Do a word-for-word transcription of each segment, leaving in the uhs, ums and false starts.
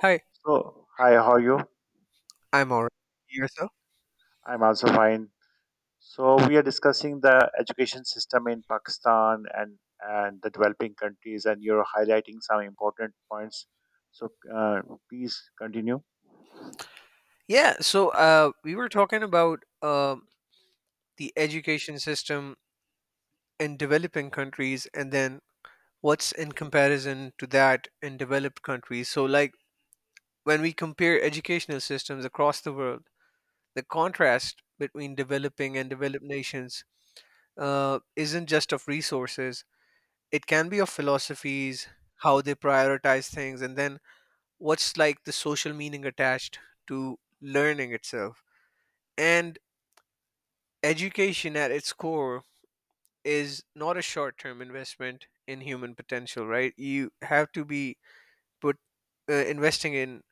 Hi, So, hi, how are you? I'm alright. Yourself? I'm also fine. So, we are discussing the education system in Pakistan and and the developing countries, and you're highlighting some important points. So, uh, please continue. Yeah, so uh, we were talking about um the education system in developing countries and then what's in comparison to that in developed countries. So, like, when we compare educational systems across the world, the contrast between developing and developed nations uh, isn't just of resources, it can be of philosophies, how they prioritize things, and then what's like the social meaning attached to learning itself. And education at its core is not a short-term investment in human potential, right? You have to be put, uh, investing in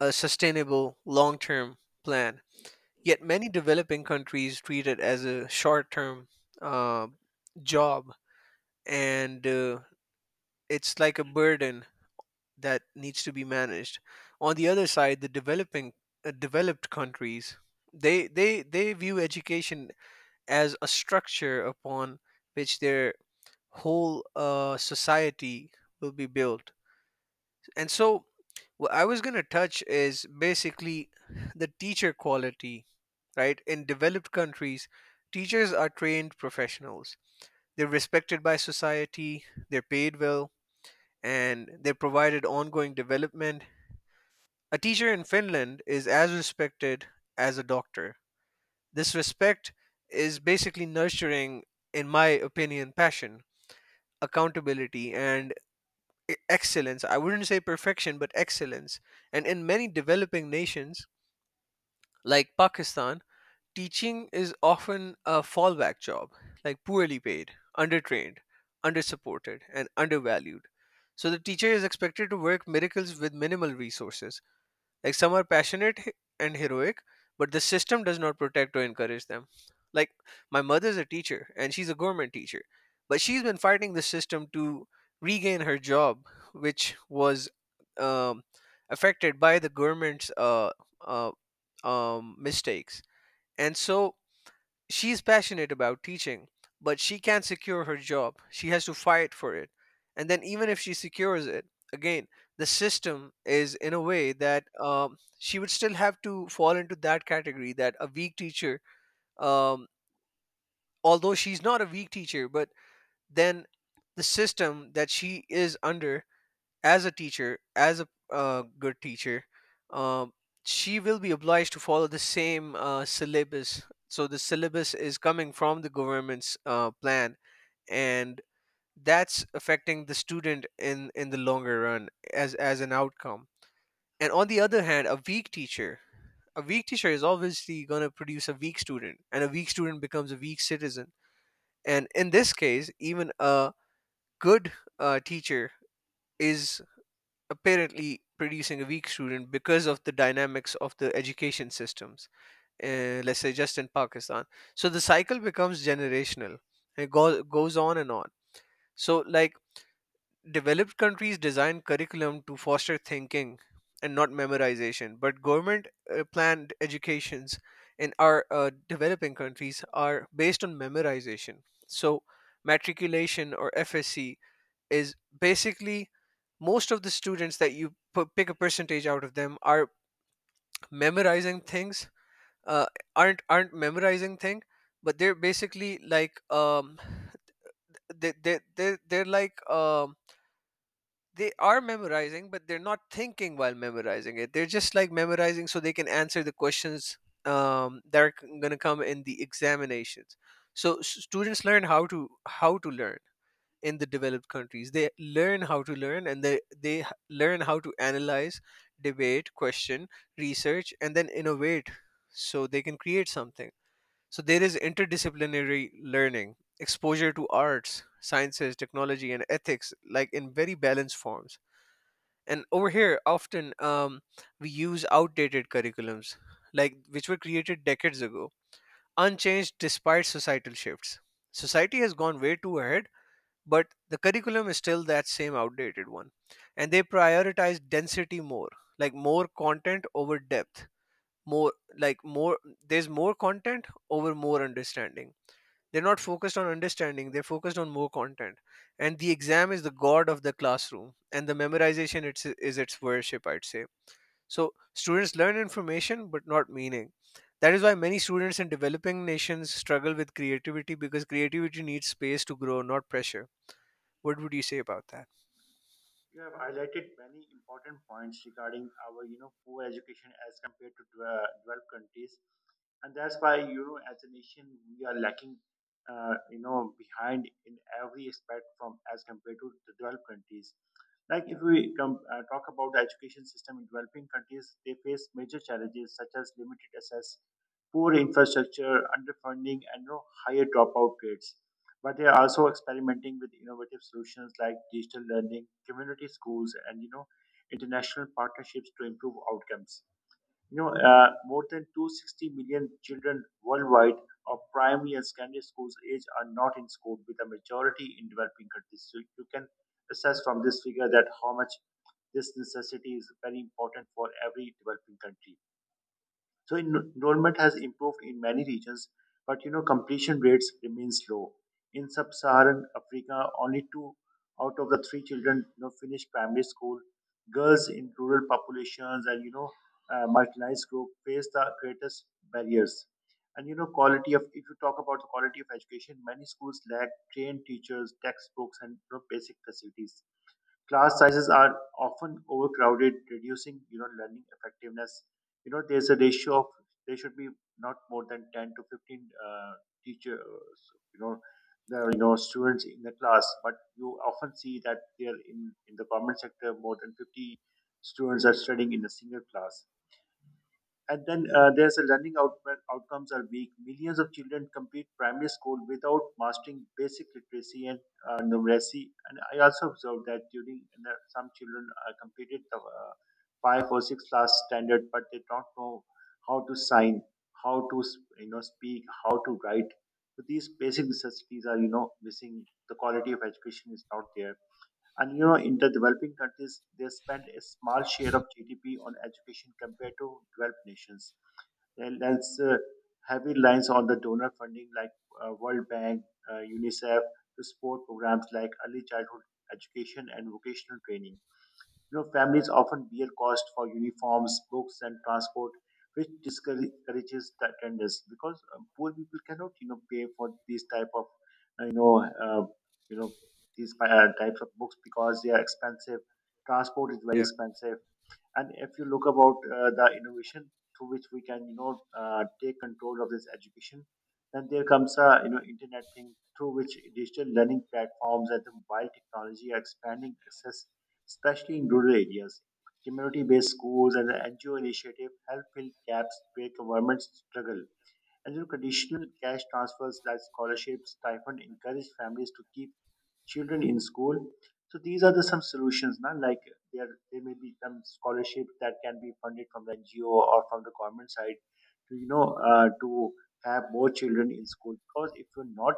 a sustainable long-term plan, yet many developing countries treat it as a short-term uh, job, and uh, it's like a burden that needs to be managed. On the other side, the developing uh, developed countries, they they they view education as a structure upon which their whole uh, society will be built. And so, what I was going to touch is basically the teacher quality, right? In developed countries, teachers are trained professionals. They're respected by society, they're paid well, and they're provided ongoing development. A teacher in Finland is as respected as a doctor. This respect is basically nurturing, in my opinion, passion, accountability, and e- excellence. I wouldn't say perfection, but excellence. And in many developing nations like Pakistan, teaching is often a fallback job, like poorly paid, undertrained, undersupported, and undervalued. So the teacher is expected to work miracles with minimal resources, like some are passionate he- and heroic, but the system does not protect or encourage them. Like my mother's a teacher and she's a government teacher, but she's been fighting the system to regain her job, which was um, affected by the government's uh, uh, um, mistakes. And so she's passionate about teaching, but she can't secure her job. She has to fight for it. And then, even if she secures it, again, the system is in a way that um, she would still have to fall into that category that a weak teacher, um, although she's not a weak teacher, but then the system that she is under as a teacher, as a uh, good teacher, um, she will be obliged to follow the same uh, syllabus. So the syllabus is coming from the government's uh, plan, and that's affecting the student in in the longer run as as an outcome. And on the other hand, a weak teacher, a weak teacher is obviously going to produce a weak student, and a weak student becomes a weak citizen. And in this case, even a good uh, teacher is apparently producing a weak student because of the dynamics of the education systems, uh, let's say just in Pakistan. So the cycle becomes generational, it go- goes on and on. So like, developed countries design curriculum to foster thinking and not memorization, but government uh, planned educations in our uh, developing countries are based on memorization. So matriculation or FSC is basically, most of the students that you p- pick a percentage out of them are memorizing things, uh, aren't aren't memorizing thing, but they're basically like um they they they they're like um they are memorizing, but they're not thinking while memorizing it, they're just like memorizing so they can answer the questions um that are going to come in the examinations. So s- students learn how to how to learn in the developed countries. They learn how to learn and they, they h- learn how to analyze, debate, question, research, and then innovate so they can create something. So there is interdisciplinary learning, exposure to arts, sciences, technology, and ethics, like in very balanced forms. And over here, often um, we use outdated curriculums, like which were created decades ago, unchanged despite societal shifts. Society has gone way too ahead, but the curriculum is still that same outdated one, and they prioritize density more, like more content over depth, more like more there's more content over more understanding. They're not focused on understanding, they're focused on more content. And the exam is the god of the classroom, and the memorization it's, is its worship, I'd say. So students learn information but not meaning. That is why many students in developing nations struggle with creativity, because creativity needs space to grow, not pressure. What would you say about that? You have highlighted many important points regarding our, you know, poor education as compared to dwe- developed countries, and that's why you know, as a nation, we are lacking, uh, you know, behind in every aspect from as compared to the developed countries. Like if we come, uh, talk about the education system in developing countries, they face major challenges such as limited access, poor infrastructure, underfunding, and you know, higher dropout rates, but they are also experimenting with innovative solutions like digital learning, community schools, and you know international partnerships to improve outcomes. You know, uh, more than 260 million children worldwide of primary and secondary schools age are not in school, with a majority in developing countries. So you can assess from this figure that how much this necessity is very important for every developing country. So en- enrollment has improved in many regions, but you know completion rates remains low. In sub-Saharan Africa, only two out of the three children you know finish primary school. Girls in rural populations and you know uh, marginalized group face the greatest barriers. And you know quality of If you talk about the quality of education, many schools lack trained teachers, textbooks, and you know, basic facilities. Class sizes are often overcrowded, reducing you know learning effectiveness. You know, there's a ratio of, there should be not more than ten to fifteen uh, teachers. You know, the you know students in the class, but you often see that there in in the government sector more than fifty students are studying in a single class. And then uh, there's a learning out- outcomes are weak. Millions of children complete primary school without mastering basic literacy and uh, numeracy. And I also observed that during and that some children uh, completed the uh, five or six class standard, but they don't know how to sign, how to s- you know speak, how to write. So these basic necessities are you know missing. The quality of education is not there. And you know, in the developing countries, they spend a small share of G D P on education compared to developed nations. Well, there's uh, heavy reliance on the donor funding like uh, World Bank, uh, UNICEF, to support programs like early childhood education and vocational training. You know, families often bear cost for uniforms, books, and transport, which discourages the attendance because uh, poor people cannot, you know, pay for these type of, uh, you know, uh, you know, these uh, types of books because they are expensive. Transport is very Yeah. expensive. And if you look about uh, the innovation through which we can, you know, uh, take control of this education, then there comes a you know internet thing through which digital learning platforms and the mobile technology are expanding access, especially in rural areas. Community-based schools and the N G O initiative help fill gaps where governments struggle. And you know, conditional cash transfers like scholarships, stipend, encourage families to keep children in school. So these are the some solutions. Now, like, there there may be some scholarship that can be funded from the N G O or from the government side to you know uh, to have more children in school. Because if we're not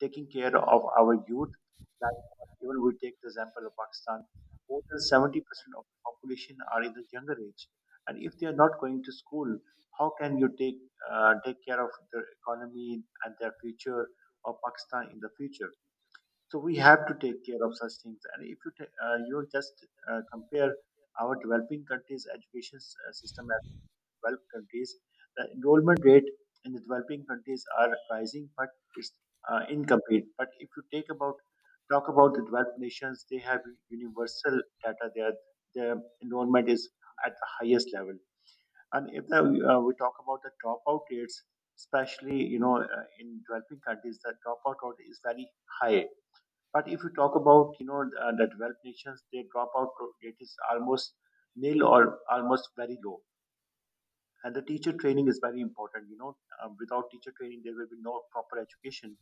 taking care of our youth, like, even we take the example of Pakistan, more than seventy percent of the population are in the younger age, and if they are not going to school, how can you take uh, take care of the economy and their future of Pakistan in the future? So we have to take care of such things. And if you ta- uh, you know, just uh, compare our developing countries' education s- uh, system as developed countries, the enrollment rate in the developing countries are rising, but it's uh, incomplete. But if you take about talk about the developed nations, they have universal data. Their their enrollment is at the highest level. And if the, uh, we talk about the dropout rates, especially you know uh, in developing countries, the dropout rate is very high. But if you talk about you know uh, the developed nations, their dropout rate is almost nil or almost very low. And the teacher training is very important. You know, um, without teacher training, there will be no proper education.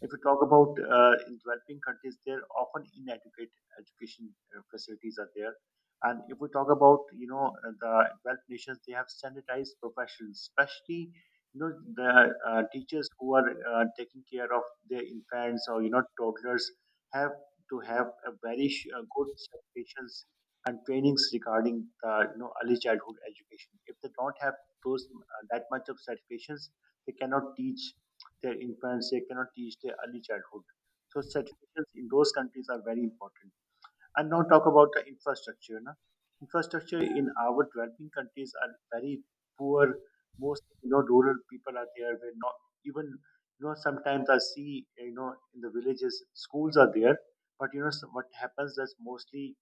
If you talk about uh, in developing countries, there often inadequate education uh, facilities are there. And if we talk about you know uh, the developed nations, they have standardized professions, especially you know the uh, teachers who are uh, taking care of their infants or you know toddlers have to have a very sh- uh, good certifications and trainings regarding the you know early childhood education. If they don't have those uh, that much of certifications, they cannot teach their infants, they cannot teach their early childhood. So certificates in those countries are very important. And now talk about the infrastructure. Na? Infrastructure in our developing countries are very poor. Most you know rural people are there, where not even you know sometimes I see you know in the villages schools are there, but you know so what happens is mostly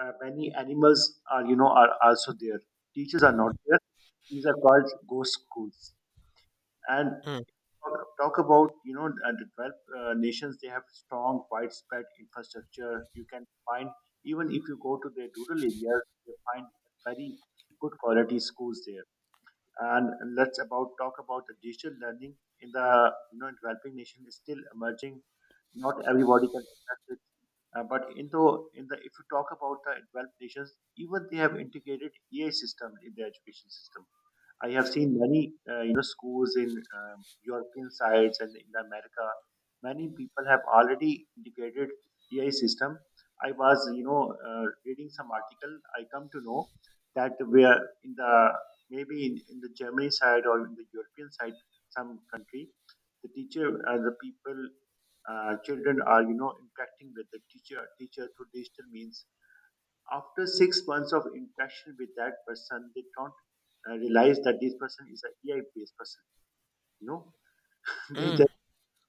uh, many animals are you know are also there. Teachers are not there. These are called ghost schools. And Mm. talk, talk about you know uh, the twelve uh, nations, they have strong widespread infrastructure. You can find, even if you go to the rural areas, you find very good quality schools there. And let's about talk about the digital learning in the you know developing nation is still emerging. Not everybody can access it. Uh, but in the in the if you talk about the developed nations, even they have integrated AI system in their education system. I have seen many, uh, you know, schools in um, European sides and in America. Many people have already integrated A I system. I was, you know, uh, reading some article. I come to know that we are in the, maybe in, in the Germany side or in the European side, some country, the teacher and the people, uh, children are, you know, interacting with the teacher teacher through digital means. After six months of interaction with that person, they don't uh, realize that this person is a AI-based person. You know, they Mm. just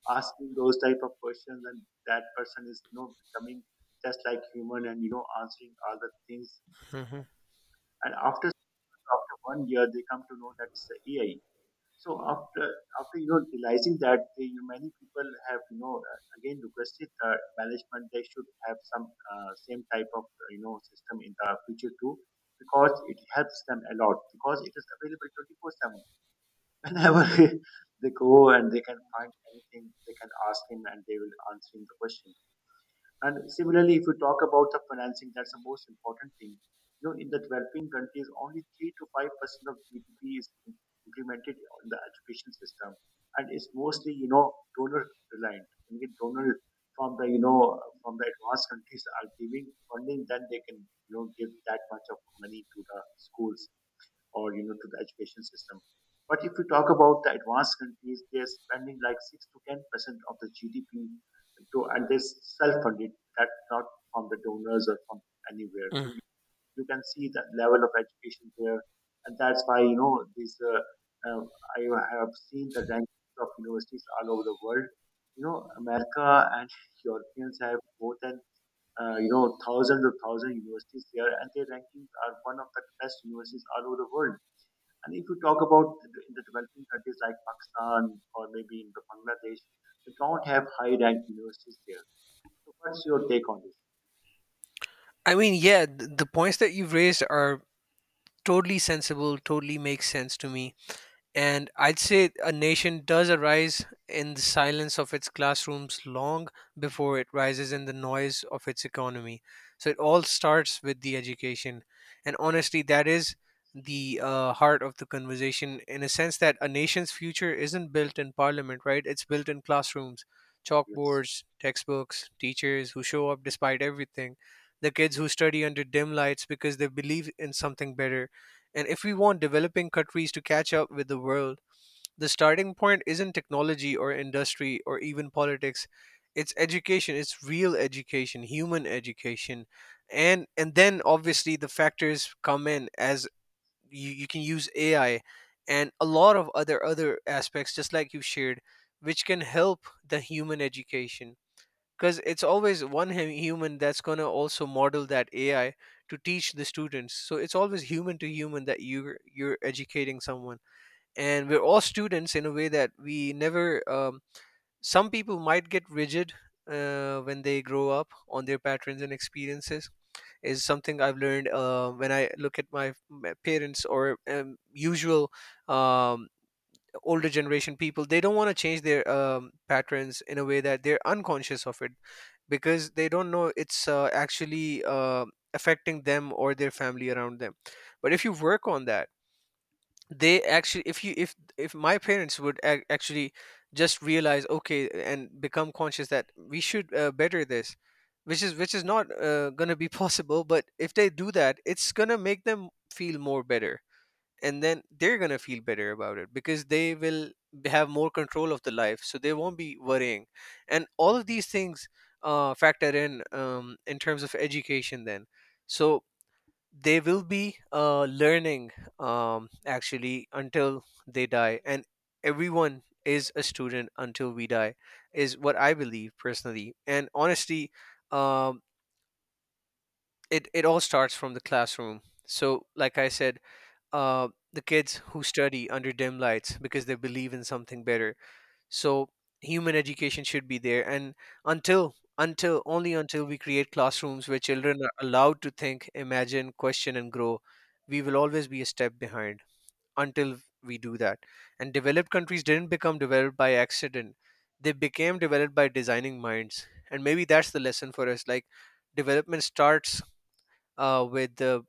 asking those type of questions, and that person is you know becoming just like human and you know answering all the things. Mhm. And after after one year, they come to know that it's the A I. So after after you know realizing that uh, you many people have you know uh, again requested the management they should have some uh, same type of uh, you know system in the future too, because it helps them a lot because it is available twenty four seven whenever they go, and they can find anything, they can ask him and they will answer him the question. And similarly, if you talk about the financing, that's the most important thing. You know, in the developing countries, only three to five percent of G D P is implemented on the education system, and it's mostly you know donor reliant. I mean, donor from the you know from the advanced countries are giving funding, then they can you know give that much of money to the schools or you know to the education system. But if we talk about the advanced countries, they are spending like six to ten percent of the G D P to, and they self-funded, that not from the donors or from anywhere. So Mm. you, you can see that level of education there, and that's why you know these. Uh, uh, I have seen the rankings of universities all over the world. You know, America and Europeans have more than uh, you know thousands of thousand universities there, and their rankings are one of the best universities all over the world. And if you talk about the- in the developing countries like Pakistan or maybe in Bangladesh, they don't have high ranked universities there. So what's your take on this? I mean, yeah, th- the points that you've raised are totally sensible, totally makes sense to me. And I'd say a nation does arise in the silence of its classrooms long before it rises in the noise of its economy. So it all starts with the education. And honestly, that is the uh, heart of the conversation, in a sense that a nation's future isn't built in parliament, right? It's built in classrooms, Yes. chalkboards, textbooks, teachers who show up despite everything, the kids who study under dim lights because they believe in something better. And if we want developing countries to catch up with the world, the starting point isn't technology or industry or even politics. It's education, it's real education, human education. And and then obviously the factors come in as you, you can use A I and a lot of other other aspects just like you shared, which can help the human education, because it's always one hu- human that's going to also model that AI to teach the students. So it's always human to human that you're you're educating someone, and we're all students in a way that we never um, some people might get rigid uh, when they grow up on their patterns and experiences, is something I've learned uh, when I look at my, my parents, or um, usual um, older generation people. They don't want to change their um, patterns in a way that they're unconscious of it, because they don't know it's uh, actually uh, affecting them or their family around them. But if you work on that, they actually, if you, if if my parents would ac- actually just realize okay and become conscious that we should uh, better this, which is which is not uh, going to be possible, but if they do that it's going to make them feel more better, and then they're gonna feel better about it, because they will b- have more control of the life, so they won't be worrying. And all of these things uh, factor in um, in terms of education, then. So they will be uh, learning um, actually until they die, and everyone is a student until we die, is what I believe personally and honestly. um, it, it all starts from the classroom. So like I said, uh, the kids who study under dim lights because they believe in something better. So human education should be there, and until until only until we create classrooms where children are allowed to think, imagine, question, and grow, we will always be a step behind. Until we do that. And developed countries didn't become developed by accident; they became developed by designing minds. And maybe that's the lesson for us. Like development starts uh, with uh,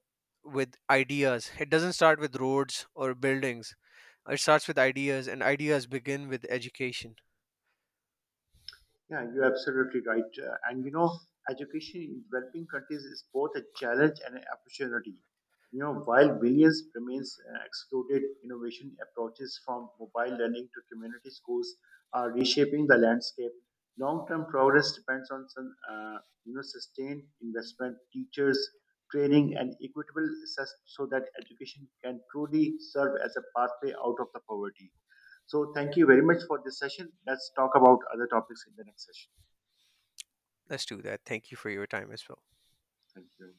with ideas. It doesn't start with roads or buildings. It starts with ideas, and ideas begin with education. Yeah, you're absolutely right. Uh, and you know, education in developing countries is both a challenge and an opportunity. You know, while billions remains uh, excluded, innovation approaches from mobile learning to community schools are reshaping the landscape. Long-term progress depends on some, uh, you know, sustained investment, teachers, training, and equitable access so that education can truly serve as a pathway out of the poverty. So thank you very much for this session. Let's talk about other topics in the next session. Let's do that. Thank you for your time as well. Thank you.